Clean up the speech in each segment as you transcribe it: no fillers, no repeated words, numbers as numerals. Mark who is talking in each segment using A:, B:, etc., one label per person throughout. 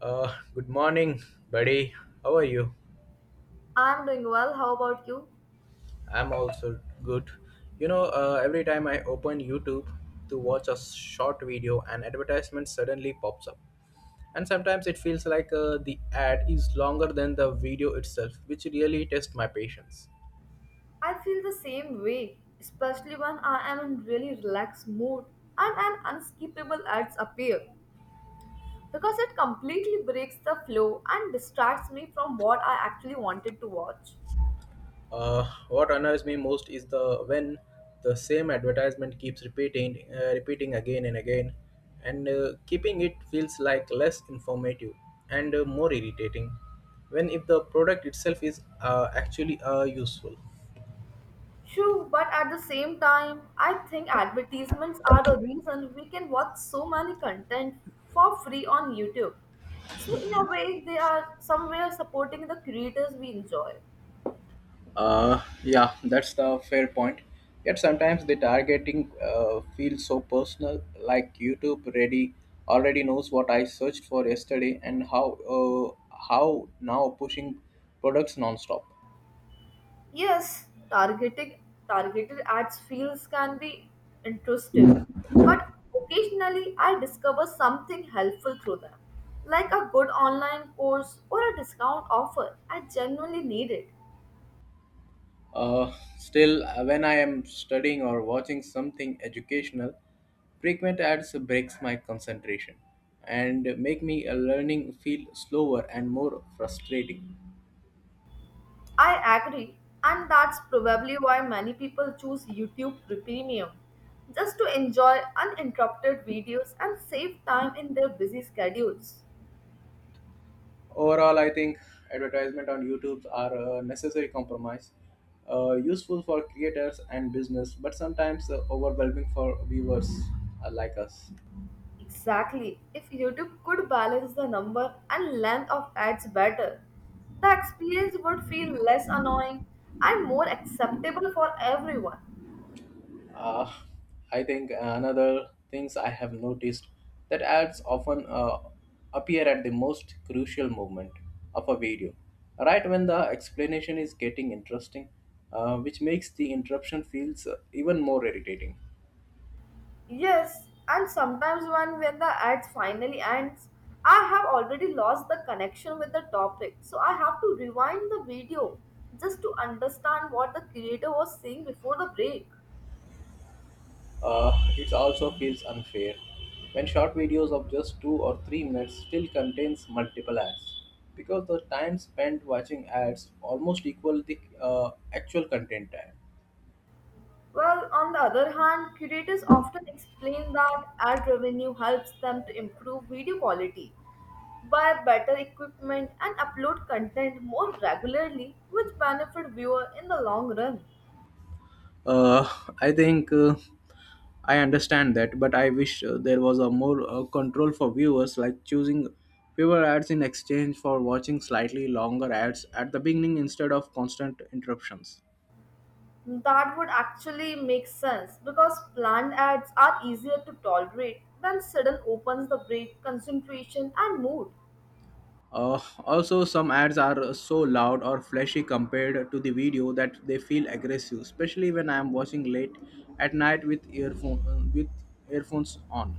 A: Good morning, buddy. How are you?
B: I'm doing well. How about you?
A: I'm also good. Every time I open YouTube to watch a short video, an advertisement suddenly pops up. And sometimes it feels like the ad is longer than the video itself, which really tests my patience.
B: I feel the same way, especially when I am in really relaxed mood and an unskippable ads appear because it completely breaks the flow and distracts me from what I actually wanted to watch.
A: What annoys me most is the when the same advertisement keeps repeating again and again, and keeping it feels like less informative and more irritating. When if the product itself is actually useful.
B: True, but at the same time, I think advertisements are the reason we can watch so many content for free on YouTube. So in a way, they are somewhere supporting the creators we enjoy.
A: Yeah, that's the fair point. Yet sometimes the targeting feels so personal, like YouTube already knows what I searched for yesterday and how now pushing products non-stop.
B: Yes, targeting targeted ads feels can be intrusive, but occasionally I discover something helpful through them, like a good online course or a discount offer. I genuinely need it.
A: Uh, Still, when I am studying or watching something educational, frequent ads breaks my concentration and make me a learning feel slower and more frustrating.
B: I agree, and that's probably why many people choose YouTube Premium, just to enjoy uninterrupted videos and save time in their busy schedules.
A: Overall, I think advertisement on YouTube are a necessary compromise, useful for creators and business, but sometimes overwhelming for viewers like us.
B: Exactly. If YouTube could balance the number and length of ads better, the experience would feel less annoying and more acceptable for everyone.
A: Uh, I think another things I have noticed that ads often appear at the most crucial moment of a video, right when the explanation is getting interesting, which makes the interruption feels even more irritating.
B: Yes, and sometimes when the ads finally ends, I have already lost the connection with the topic, so I have to rewind the video just to understand what the creator was saying before the break.
A: Uh, it also feels unfair when short videos of just 2 or 3 minutes still contains multiple ads because the time spent watching ads almost equal the actual content time.
B: Well, on the other hand, curators often explain that ad revenue helps them to improve video quality, buy better equipment, and upload content more regularly, which benefit viewer in the long run.
A: Uh, I think I understand that, but I wish there was a more control for viewers, like choosing fewer ads in exchange for watching slightly longer ads at the beginning instead of constant interruptions.
B: That would actually make sense because planned ads are easier to tolerate than sudden opens the break, concentration, and mood.
A: Also, some ads are so loud or flashy compared to the video that they feel aggressive, especially when I am watching late at night with earphones on.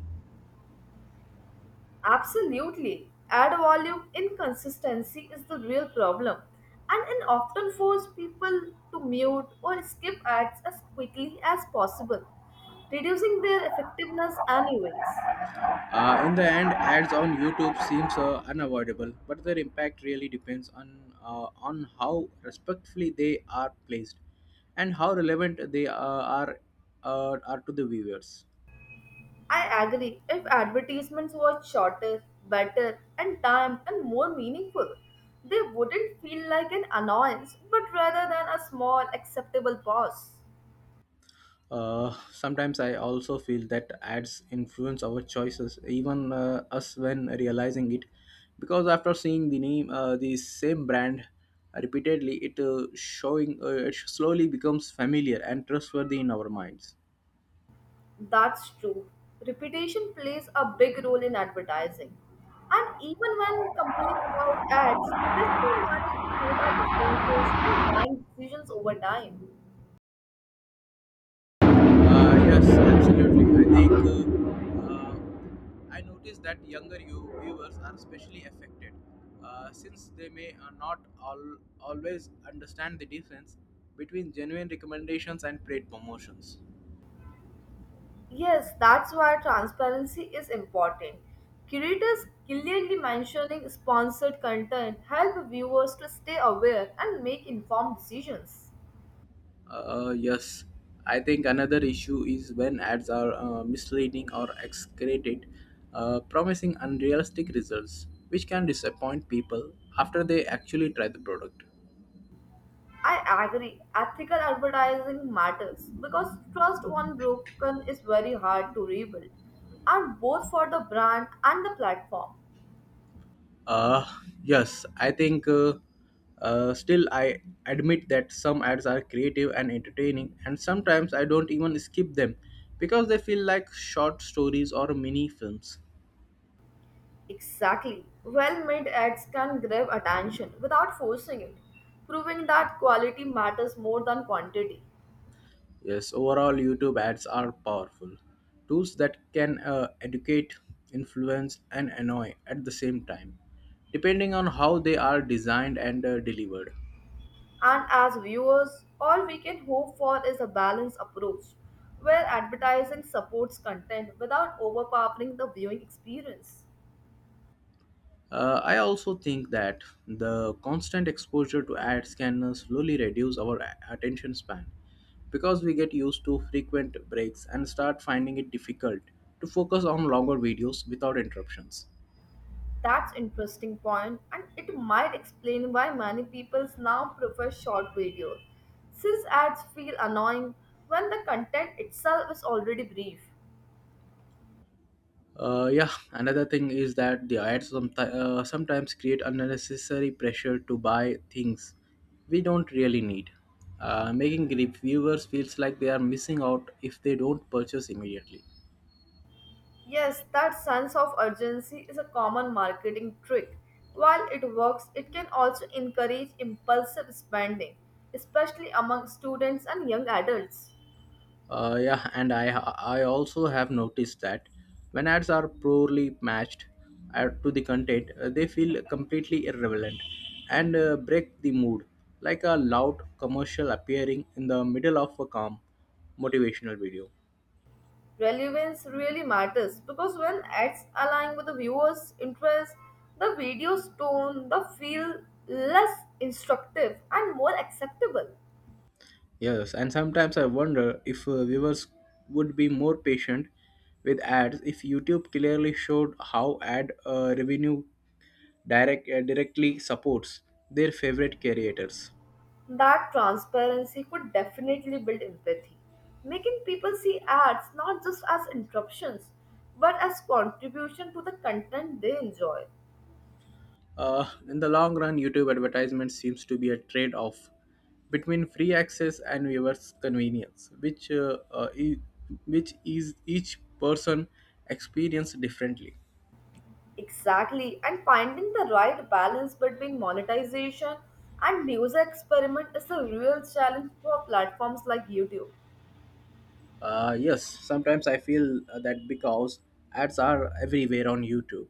B: Absolutely. Ad volume inconsistency is the real problem, and it often forces people to mute or skip ads as quickly as possible, reducing their effectiveness anyways.
A: In the end, ads on YouTube seems unavoidable, but their impact really depends on how respectfully they are placed and how relevant they are to the viewers.
B: I agree, if advertisements were shorter, better, and timed and more meaningful, they wouldn't feel like an annoyance but rather than a small acceptable pause.
A: Sometimes I also feel that ads influence our choices, even us when realizing it, because after seeing the name, the same brand repeatedly, it showing it slowly becomes familiar and trustworthy in our minds.
B: That's true. Reputation plays a big role in advertising. And even when complaining about ads, this can manage to shape our preferences and buying decisions over time.
A: Yes, absolutely. I think I noticed that younger you viewers are especially affected, since they may not all, always understand the difference between genuine recommendations and paid promotions.
B: Yes, that's why transparency is important. Curators clearly mentioning sponsored content help viewers to stay aware and make informed decisions.
A: Yes, I think another issue is when ads are misleading or exaggerated, promising unrealistic results, which can disappoint people after they actually try the product.
B: I agree. Ethical advertising matters because trust once broken is very hard to rebuild, and both for the brand and the platform.
A: Uh, yes, I think still I admit that some ads are creative and entertaining, and sometimes I don't even skip them because they feel like short stories or mini films.
B: Exactly. Well made ads can grab attention without forcing it, proving that quality matters more than quantity.
A: Yes, overall, YouTube ads are powerful tools that can educate, influence, and annoy at the same time, depending on how they are designed and delivered.
B: And as viewers, all we can hope for is a balanced approach where advertising supports content without overpowering the viewing experience.
A: I also think that the constant exposure to ads can slowly reduce our attention span because we get used to frequent breaks and start finding it difficult to focus on longer videos without interruptions.
B: That's interesting point, and it might explain why many people now prefer short videos, since ads feel annoying when the content itself is already brief.
A: Yeah, another thing is that the ads sometimes create unnecessary pressure to buy things we don't really need, making reviewers feels like they are missing out if they don't purchase immediately.
B: Yes, that sense of urgency is a common marketing trick. While it works, it can also encourage impulsive spending, especially among students and young adults.
A: Yeah, and I also have noticed that when ads are poorly matched to the content, they feel completely irrelevant and break the mood, like a loud commercial appearing in the middle of a calm motivational video.
B: Relevance really matters because when ads align with the viewer's interest, the video's tone, the feel less instructive and more acceptable.
A: Yes, and sometimes I wonder if viewers would be more patient with ads if YouTube clearly showed how ad revenue directly supports their favorite creators.
B: That transparency could definitely build empathy, making people see ads not just as interruptions but as contribution to the content they enjoy.
A: In the long run, YouTube advertisement seems to be a trade off between free access and viewers' convenience, which is each person experience differently.
B: Exactly, and finding the right balance between monetization and user experiment is a real challenge for platforms like YouTube.
A: Yes, sometimes I feel that because ads are everywhere on YouTube,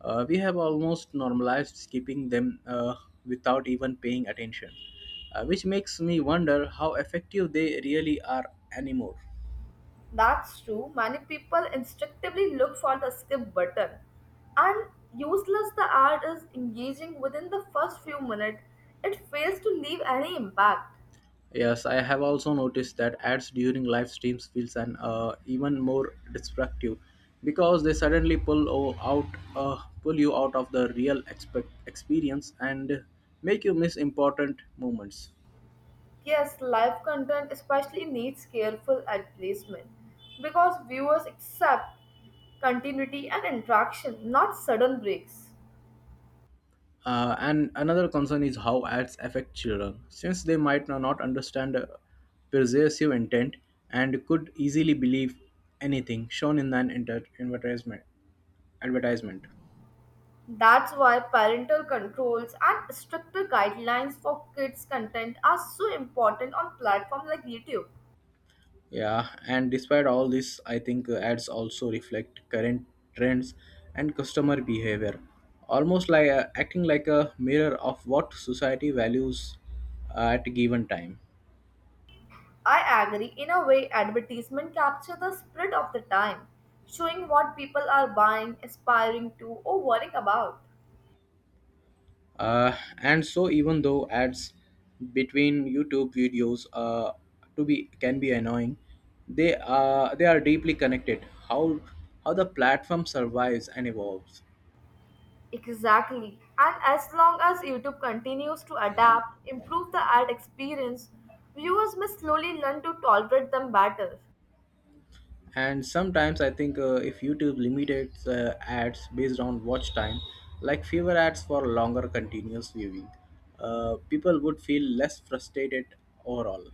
A: we have almost normalized skipping them without even paying attention, which makes me wonder how effective they really are anymore.
B: That's true. Many people instinctively look for the skip button. And useless the ad is engaging within the first few minutes, it fails to leave any impact.
A: Yes, I have also noticed that ads during live streams feels an even more destructive because they suddenly pull you out of the real experience and make you miss important moments.
B: Yes, live content especially needs careful ad placement because viewers accept continuity and interaction, not sudden breaks.
A: And another concern is how ads affect children, since they might not understand persuasive intent and could easily believe anything shown in an advertisement.
B: That's why parental controls and stricter guidelines for kids' content are so important on platforms like YouTube.
A: Yeah, and despite all this, I think ads also reflect current trends and customer behavior, almost like acting like a mirror of what society values at a given time.
B: I agree. In a way, advertisement capture the spirit of the time, showing what people are buying, aspiring to, or worrying about.
A: And so, even though ads between YouTube videos to be can be annoying, they are deeply connected. How the platform survives and evolves.
B: Exactly. And as long as YouTube continues to adapt, improve the ad experience, viewers may slowly learn to tolerate them better.
A: And sometimes I think if YouTube limited ads based on watch time, like fewer ads for longer continuous viewing, people would feel less frustrated overall.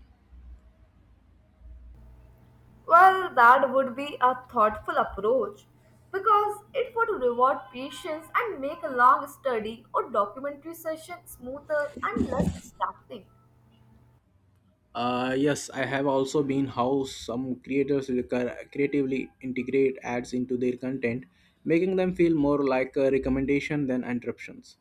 B: Well, that would be a thoughtful approach because it would reward patience and make a long study or documentary session smoother and less distracting.
A: Yes, I have also been how some creators creatively integrate ads into their content, making them feel more like a recommendation than interruptions.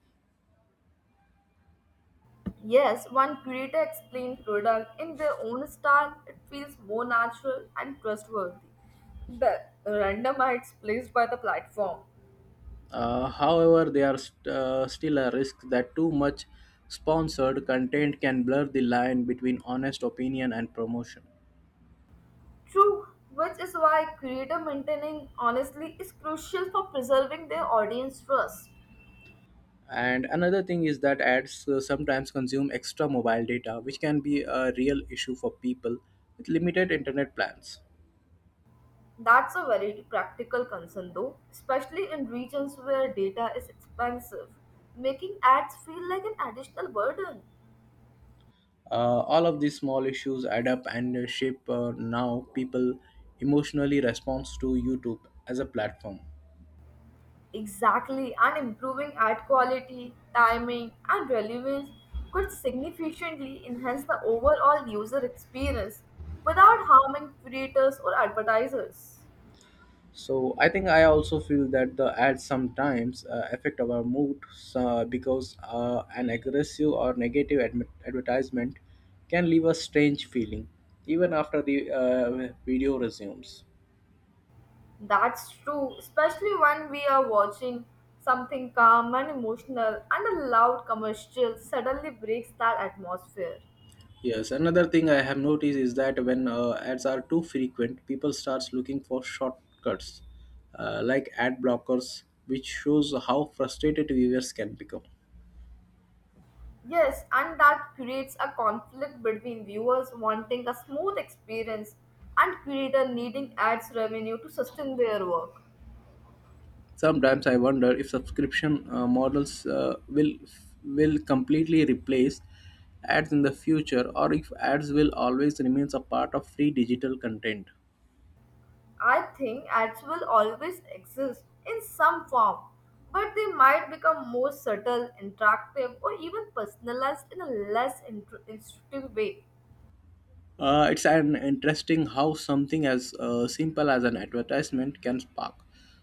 B: Yes, one creator explained product in their own style. It feels more natural and trustworthy. The random hits placed by the platform.
A: However, there are still a risk that too much sponsored content can blur the line between honest opinion and promotion.
B: True, which is why creator maintaining honestly is crucial for preserving their audience trust.
A: And another thing is that ads sometimes consume extra mobile data, which can be a real issue for people with limited internet plans.
B: That's a very practical concern though, especially in regions where data is expensive, making ads feel like an additional burden.
A: All of these small issues add up and shape now people emotionally responds to YouTube as a platform.
B: Exactly, and improving ad quality, timing, and relevance could significantly enhance the overall user experience without harming creators or advertisers.
A: So I think I also feel that the ads sometimes affect our mood because an aggressive or negative advertisement can leave a strange feeling even after the video resumes.
B: That's true, especially when we are watching something calm and emotional, and a loud commercial suddenly breaks that atmosphere.
A: Yes, another thing I have noticed is that when ads are too frequent, people starts looking for shortcuts like ad blockers, which shows how frustrated viewers can become.
B: Yes, and that creates a conflict between viewers wanting a smooth experience and creator needing ads revenue to sustain their work.
A: Sometimes I wonder if subscription models will completely replace ads in the future, or if ads will always remain a part of free digital content.
B: I think ads will always exist in some form, but they might become more subtle, interactive, or even personalized in a intuitive way.
A: It's an interesting how something as simple as an advertisement can spark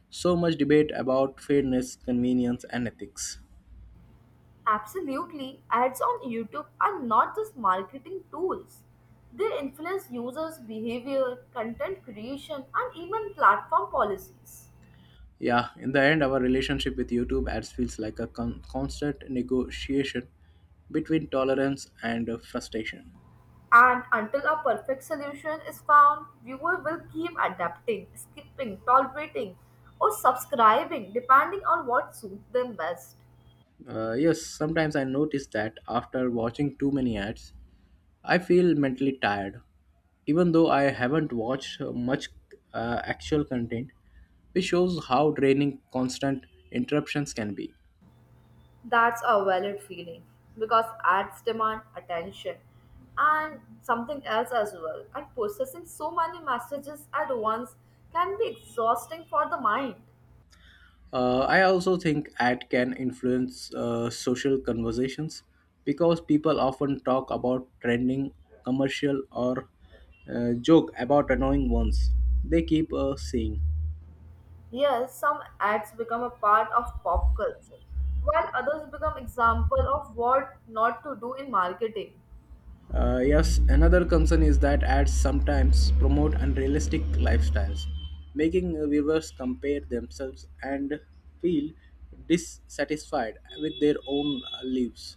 A: so much debate about fairness, convenience, and ethics.
B: Absolutely, ads on YouTube are not just marketing tools. They influence users' behavior, content creation, and even platform policies.
A: Yeah, in the end, our relationship with YouTube ads feels like a constant negotiation between tolerance and frustration.
B: And until a perfect solution is found, viewers will keep adapting, skipping, tolerating, or subscribing depending on what suits them best.
A: Yes, sometimes I notice that after watching too many ads, I feel mentally tired. Even though I haven't watched much actual content, which shows how draining constant interruptions can be.
B: That's a valid feeling because ads demand attention and something else as well. And processing so many messages at once can be exhausting for the mind.
A: I also think ad can influence social conversations because people often talk about trending commercial or joke about annoying ones they keep seeing.
B: Yes, some ads become a part of pop culture, while others become example of what not to do in marketing.
A: Yes, another concern is that ads sometimes promote unrealistic lifestyles, making viewers compare themselves and feel dissatisfied with their own lives.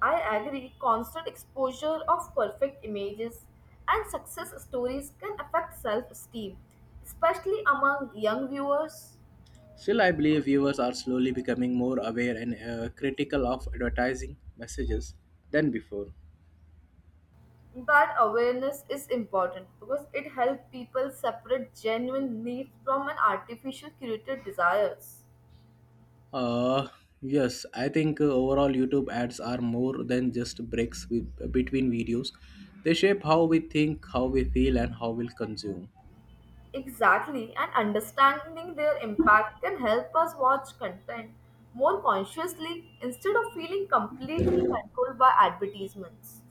B: I agree, constant exposure of perfect images and success stories can affect self esteem, especially among young viewers.
A: Still, I believe viewers are slowly becoming more aware and critical of advertising messages than before.
B: That awareness is important because it helps people separate genuine need from an artificial curated desires.
A: Uh, yes, I think overall YouTube ads are more than just breaks between videos. They shape how we think, how we feel, and how we consume.
B: Exactly, and understanding their impact can help us watch content more consciously instead of feeling completely controlled by advertisements.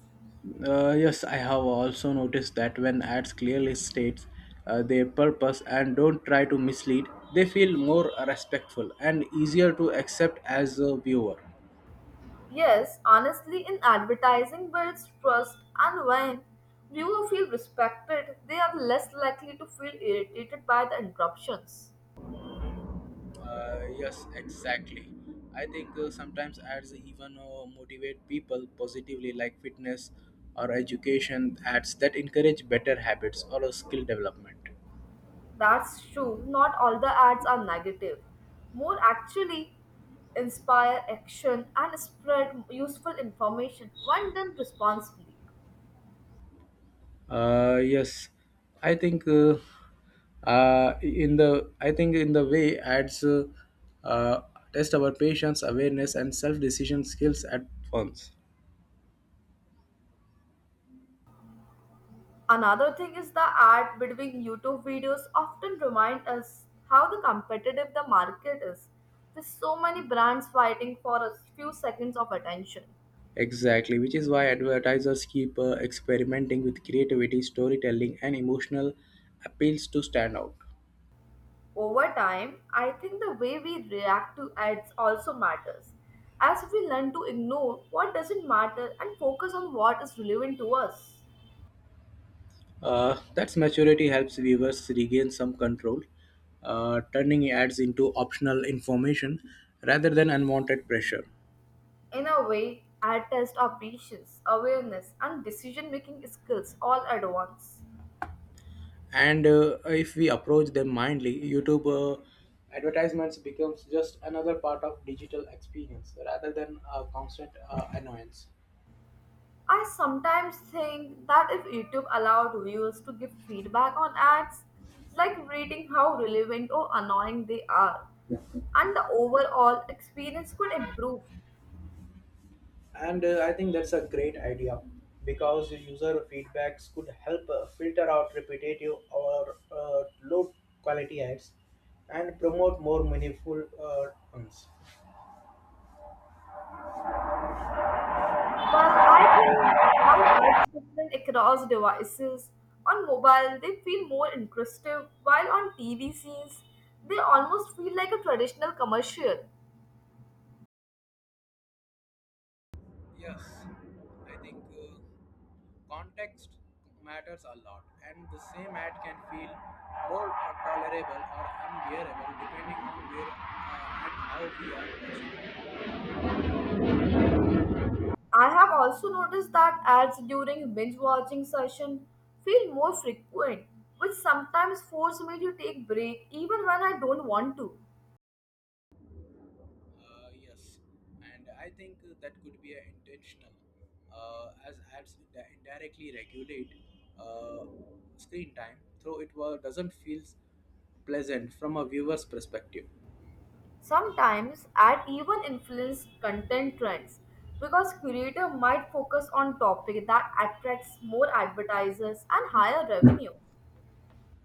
A: Yes, I have also noticed that when ads clearly states their purpose and don't try to mislead, they feel more respectful and easier to accept as a viewer.
B: Yes, honestly, in advertising builds trust, and when viewers feel respected, they are less likely to feel irritated by the interruptions.
A: Yes, exactly. I think sometimes ads even motivate people positively, like fitness or education ads that encourage better habits or skill development.
B: That's true, not all the ads are negative. More actually inspire action and spread useful information when done responsibly.
A: Yes, I think in the I think in the way ads uh, test our patience, awareness, and self-decision skills at once.
B: Another thing is the ad between YouTube videos often remind us how the competitive the market is, with so many brands fighting for a few seconds of attention.
A: Exactly, which is why advertisers keep experimenting with creativity, storytelling, and emotional appeals to stand out.
B: Over time, I think the way we react to ads also matters, as we learn to ignore what doesn't matter and focus on what is relevant to us.
A: That's maturity helps viewers regain some control, turning ads into optional information rather than unwanted pressure.
B: In a way, ad tests our patience, awareness, and decision making skills all at once.
A: And if we approach them mindly, YouTube advertisements becomes just another part of digital experience rather than a constant annoyance.
B: I sometimes think that if YouTube allowed viewers to give feedback on ads, it's like rating how relevant or annoying they are, and the overall experience could improve.
A: And I think that's a great idea because user feedbacks could help filter out repetitive or low quality ads and promote more meaningful ones.
B: Well, I think how ads different across devices. On mobile, they feel more interesting, while on TV scenes, they almost feel like a traditional commercial.
A: Yes, I think context matters a lot, and the same ad can feel more tolerable or unbearable depending on where and how we are watching it.
B: I have also noticed that ads during binge watching session feel more frequent, which sometimes force me to take break even when I don't want to.
A: Yes, and I think that could be intentional, as ads indirectly regulate uh, screen time, though it doesn't feel pleasant from a viewer's perspective.
B: Sometimes ad even influence content trends because creator might focus on topic that attracts more advertisers and higher revenue.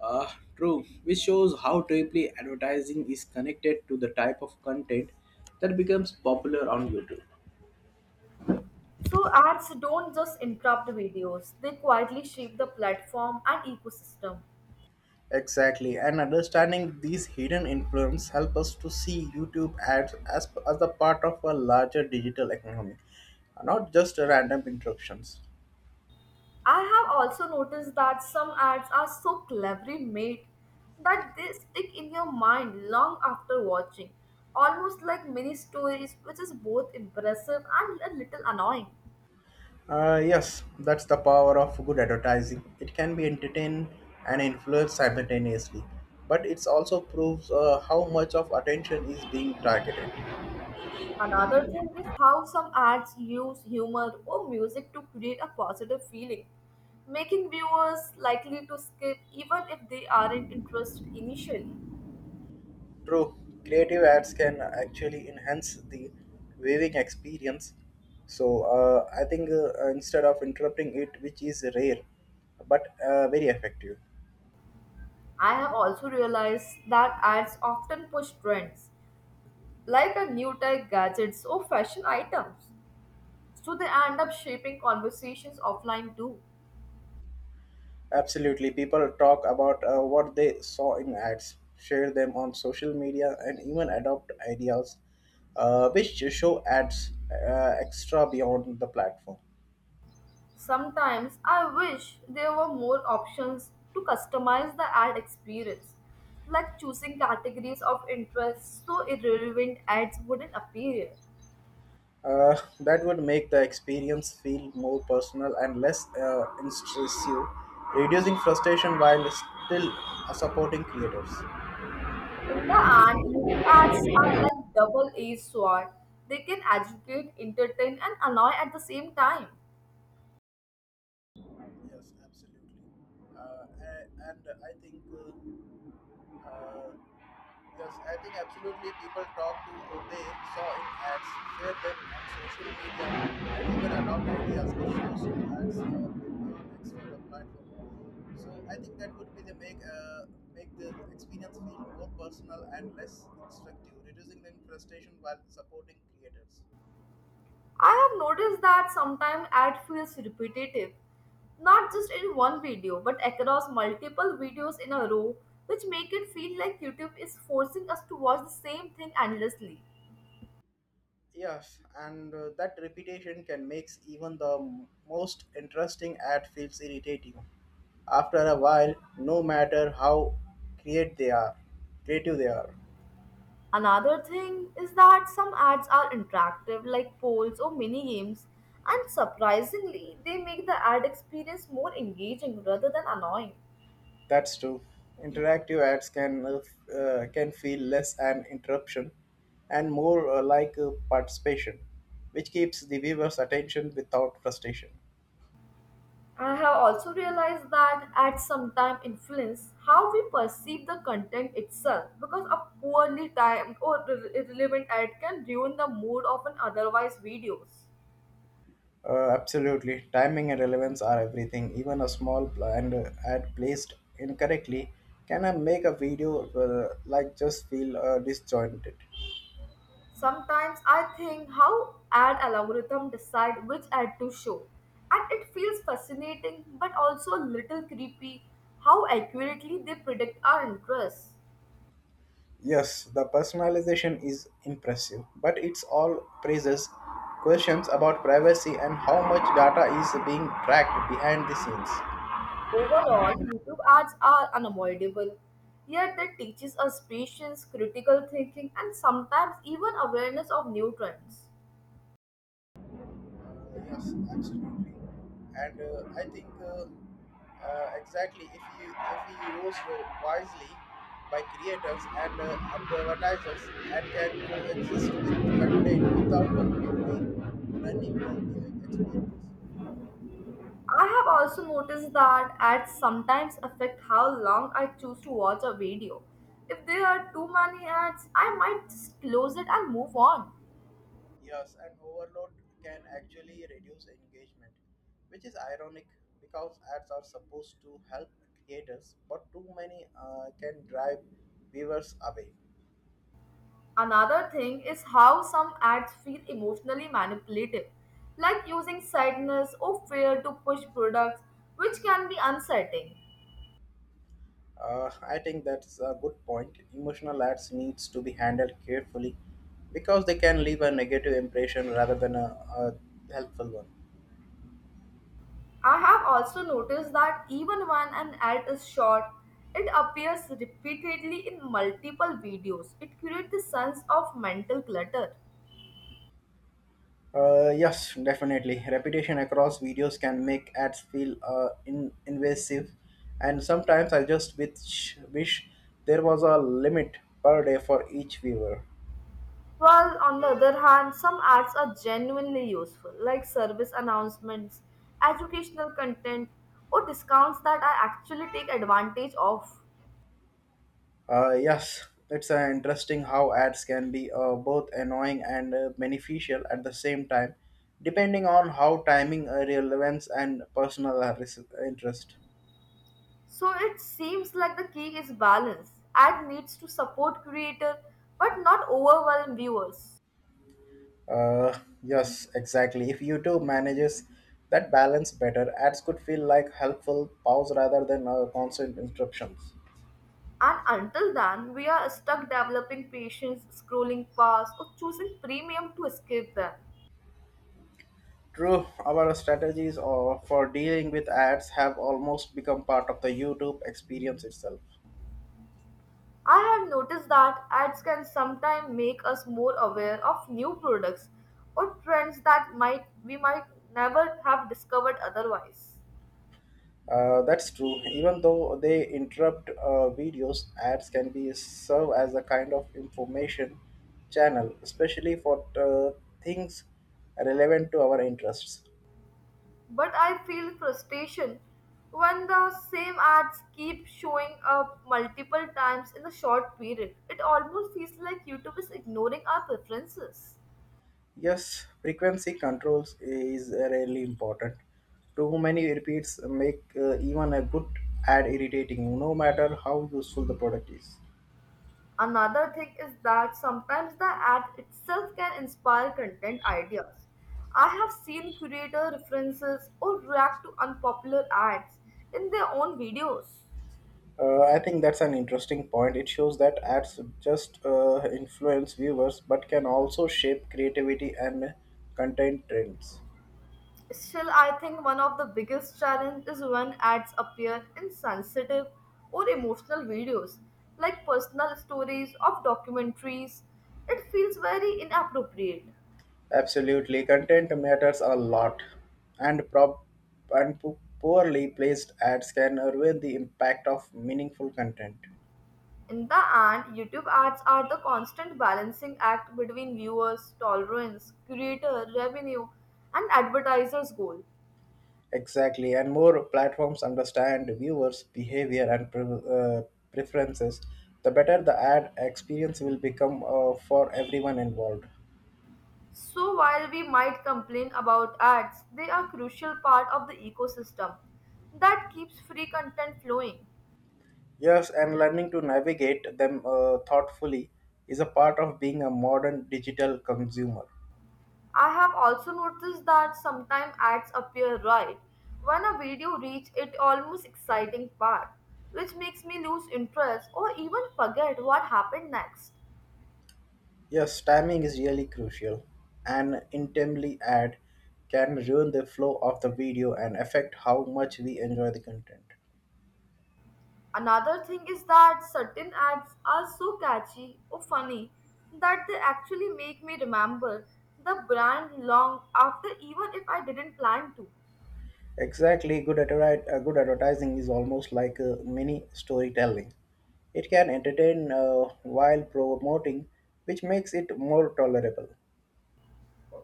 A: Uh, True, which shows how deeply advertising is connected to the type of content that becomes popular on YouTube.
B: So ads don't just interrupt videos, they quietly shape the platform and ecosystem.
A: Exactly, and understanding these hidden influence help us to see YouTube ads as a part of a larger digital economy, not just random interruptions.
B: I have also noticed that some ads are so cleverly made that they stick in your mind long after watching, almost like mini stories, which is both impressive and a little annoying.
A: Yes, that's the power of good advertising. It can be entertained and influence simultaneously, but it also proves how much of attention is being targeted.
B: Another thing is how some ads use humor or music to create a positive feeling, making viewers likely to skip even if they aren't interested initially.
A: True, creative ads can actually enhance the viewing experience. So I think instead of interrupting it, which is rare, but very effective.
B: I have also realized that ads often push trends like a new tech gadgets or fashion items. So they end up shaping conversations offline too.
A: Absolutely, people talk about what they saw in ads, share them on social media, and even adopt ideas which show ads extra beyond the platform.
B: Sometimes I wish there were more options to customize the ad experience, like choosing categories of interest so irrelevant ads wouldn't appear.
A: That would make the experience feel more personal and less intrusive, reducing frustration while still supporting creators.
B: In the end, YouTube ads are like double-edged sword. They can educate, entertain, and annoy at the same time.
A: Yes, absolutely. And I think uh, yes, I think absolutely people talk to who they saw in ads, share them on social media, and even adopt ideas or shows in ads with their next sort of platform. So I think that would be the make the experience feel more personal and less instructive, reducing the frustration while supporting creators.
B: I have noticed that sometimes ad feels repetitive, not just in one video, but across multiple videos in a row, which make it feel like YouTube is forcing us to watch the same thing endlessly.
A: Yes, and that repetition can make even the most interesting ad feels irritating. After a while, no matter how create they are, creative they are.
B: Another thing is that some ads are interactive, like polls or mini games, and surprisingly, they make the ad experience more engaging rather than annoying.
A: That's true. Interactive ads can can feel less an interruption and more like participation, which keeps the viewer's attention without frustration.
B: I have also realized that ads sometimes influence how we perceive the content itself because a poorly timed or irrelevant ad can ruin the mood of an otherwise videos.
A: Absolutely. Timing and relevance are everything. Even a small plant ad placed incorrectly can make a video like just feel disjointed.
B: Sometimes I think how ad algorithm decide which ad to show and it feels fascinating but also a little creepy how accurately they predict our interests.
A: Yes, the personalization is impressive, but it's all praises questions about privacy and how much data is being tracked behind the scenes.
B: Overall, YouTube ads are unavoidable, yet they teaches us patience, critical thinking, and sometimes even awareness of new trends.
A: Yes, absolutely. And I think exactly if we use wisely by creators and advertisers and can coexist with content without completely ruining the viewing experience.
B: I have also noticed that ads sometimes affect how long I choose to watch a video. If there are too many ads, I might just close it and move on.
A: Yes, and overload can actually reduce engagement, which is ironic because ads are supposed to help creators, but too many can drive viewers away.
B: Another thing is how some ads feel emotionally manipulative, like using sadness or fear to push products, which can be unsettling.
A: I think that's a good point. Emotional ads needs to be handled carefully because they can leave a negative impression rather than a helpful one.
B: I have also noticed that even when an ad is short, it appears repeatedly in multiple videos. It creates the sense of mental clutter.
A: Yes, definitely. Repetition across videos can make ads feel invasive, and sometimes I just wish there was a limit per day for each viewer.
B: While on the other hand, some ads are genuinely useful, like service announcements, educational content, or discounts that I actually take advantage of.
A: Yes, it's interesting how ads can be both annoying and beneficial at the same time, depending on how timing, relevance, and personal interest.
B: So it seems like the key is balance. Ad needs to support creator but not overwhelm viewers.
A: Uh, yes, exactly. If YouTube manages that balance better, ads could feel like helpful pause rather than constant interruptions.
B: And until then, we are stuck developing patience, scrolling past, or choosing premium to escape them.
A: True, our strategies for dealing with ads have almost become part of the YouTube experience itself.
B: I have noticed that ads can sometimes make us more aware of new products or trends that might we might never have discovered otherwise.
A: That's true. Even though they interrupt videos, ads can be serve as a kind of information channel, especially for things relevant to our interests.
B: But I feel frustration when the same ads keep showing up multiple times in a short period. It almost feels like YouTube is ignoring our preferences.
A: Yes, frequency controls is really important. Too many repeats make even a good ad irritating, no matter how useful the product is.
B: Another thing is that sometimes the ad itself can inspire content ideas. I have seen creator references or react to unpopular ads in their own videos.
A: I think that's an interesting point. It shows that ads just influence viewers but can also shape creativity and content trends.
B: Still, I think one of the biggest challenge is when ads appear in sensitive or emotional videos, like personal stories of documentaries. It feels very inappropriate.
A: Absolutely, content matters a lot, and poorly placed ads can ruin the impact of meaningful content.
B: In the end, YouTube ads are the constant balancing act between viewers, tolerance, creator, revenue, and advertisers' goal.
A: Exactly, and more platforms understand viewers' behavior and preferences, the better the ad experience will become for everyone involved.
B: So while we might complain about ads, they are crucial part of the ecosystem that keeps free content flowing.
A: Yes, and learning to navigate them thoughtfully is a part of being a modern digital consumer.
B: I have also noticed that sometimes ads appear right when a video reaches its almost exciting part, which makes me lose interest or even forget what happened next.
A: Yes, timing is really crucial. An intimately ad can ruin the flow of the video and affect how much we enjoy the content.
B: Another thing is that certain ads are so catchy or funny that they actually make me remember the brand long after even if I didn't plan to.
A: Exactly, good advertising is almost like a mini storytelling. It can entertain while promoting, which makes it more tolerable.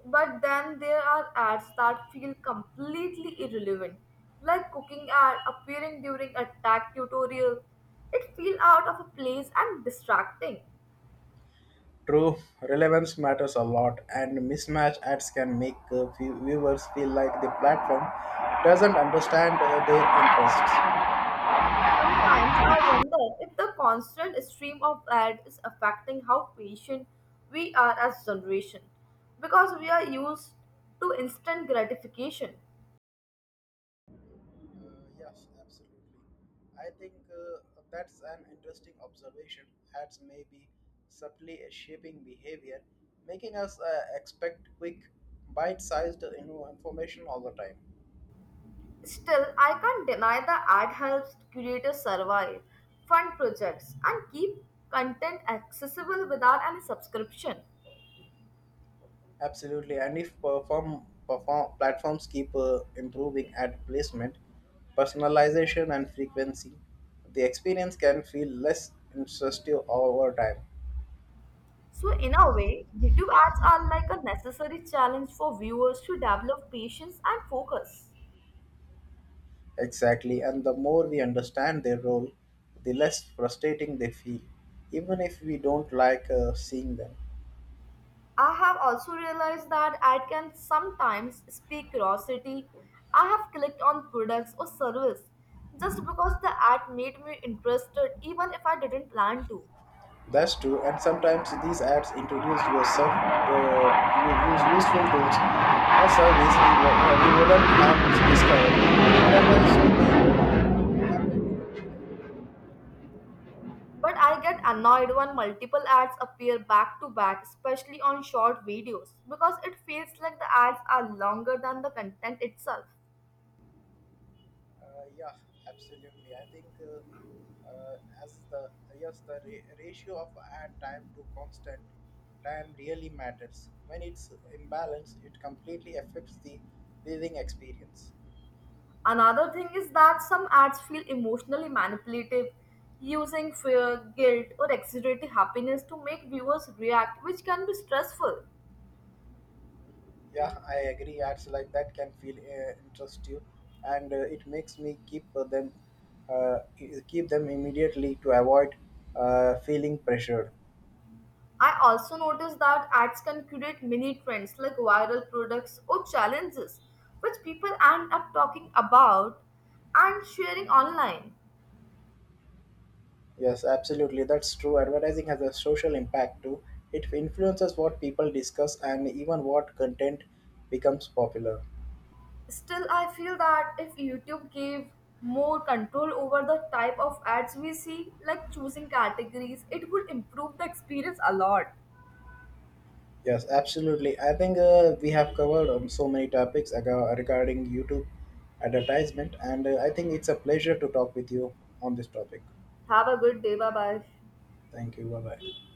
B: But then there are ads that feel completely irrelevant, like cooking ad appearing during a tech tutorial. It feels out of a place and distracting.
A: True, relevance matters a lot, and mismatch ads can make viewers feel like the platform doesn't understand their interests. Uh,
B: Sometimes I wonder if the constant stream of ads is affecting how patient we are as generation because we are used to instant gratification.
A: yes, absolutely. I think that's an interesting observation. Ads may be subtly shaping behavior, making us expect quick, bite sized information all the time.
B: Still, I can't deny the ad helps creators survive, fund projects, and keep content accessible without any subscription.
A: Absolutely, and if perform platforms keep improving ad placement, personalization, and frequency, the experience can feel less intrusive over time.
B: So, in a way, YouTube ads are like a necessary challenge for viewers to develop patience and focus.
A: Exactly, and the more we understand their role, the less frustrating they feel, even if we don't like seeing them.
B: I have also realized that I can sometimes speak curiosity. I have clicked on products or service just because the ad made me interested even if I didn't plan to.
A: That's true, and sometimes these ads introduce yourself uh, use useful tools or we wouldn't have discovered. Otherwise,
B: But I get annoyed when multiple ads appear back to back, especially on short videos, because it feels like the ads are longer than the content itself.
A: Uh, yeah, absolutely. I think as the yes, the ratio of ad time to constant time really matters. When it's imbalanced, it completely affects the reading experience.
B: Another thing is that some ads feel emotionally manipulative, using fear, guilt, or exaggerated happiness to make viewers react, which can be stressful.
A: Yeah, I agree. Ads like that can feel interest you, and it makes me uh, keep them immediately to avoid feeling pressured.
B: I also noticed that ads can create mini trends like viral products or challenges, which people end up talking about and sharing online.
A: Yes, absolutely. That's true. Advertising has a social impact too. It influences what people discuss and even what content becomes popular.
B: Still, I feel that if YouTube gave more control over the type of ads we see, like choosing categories, it would improve the experience a lot.
A: Yes, absolutely. I think we have covered so many topics regarding YouTube advertisement, and I think it's a pleasure to talk with you on this topic.
B: Have a good day. Bye bye.
A: Thank you. Bye bye.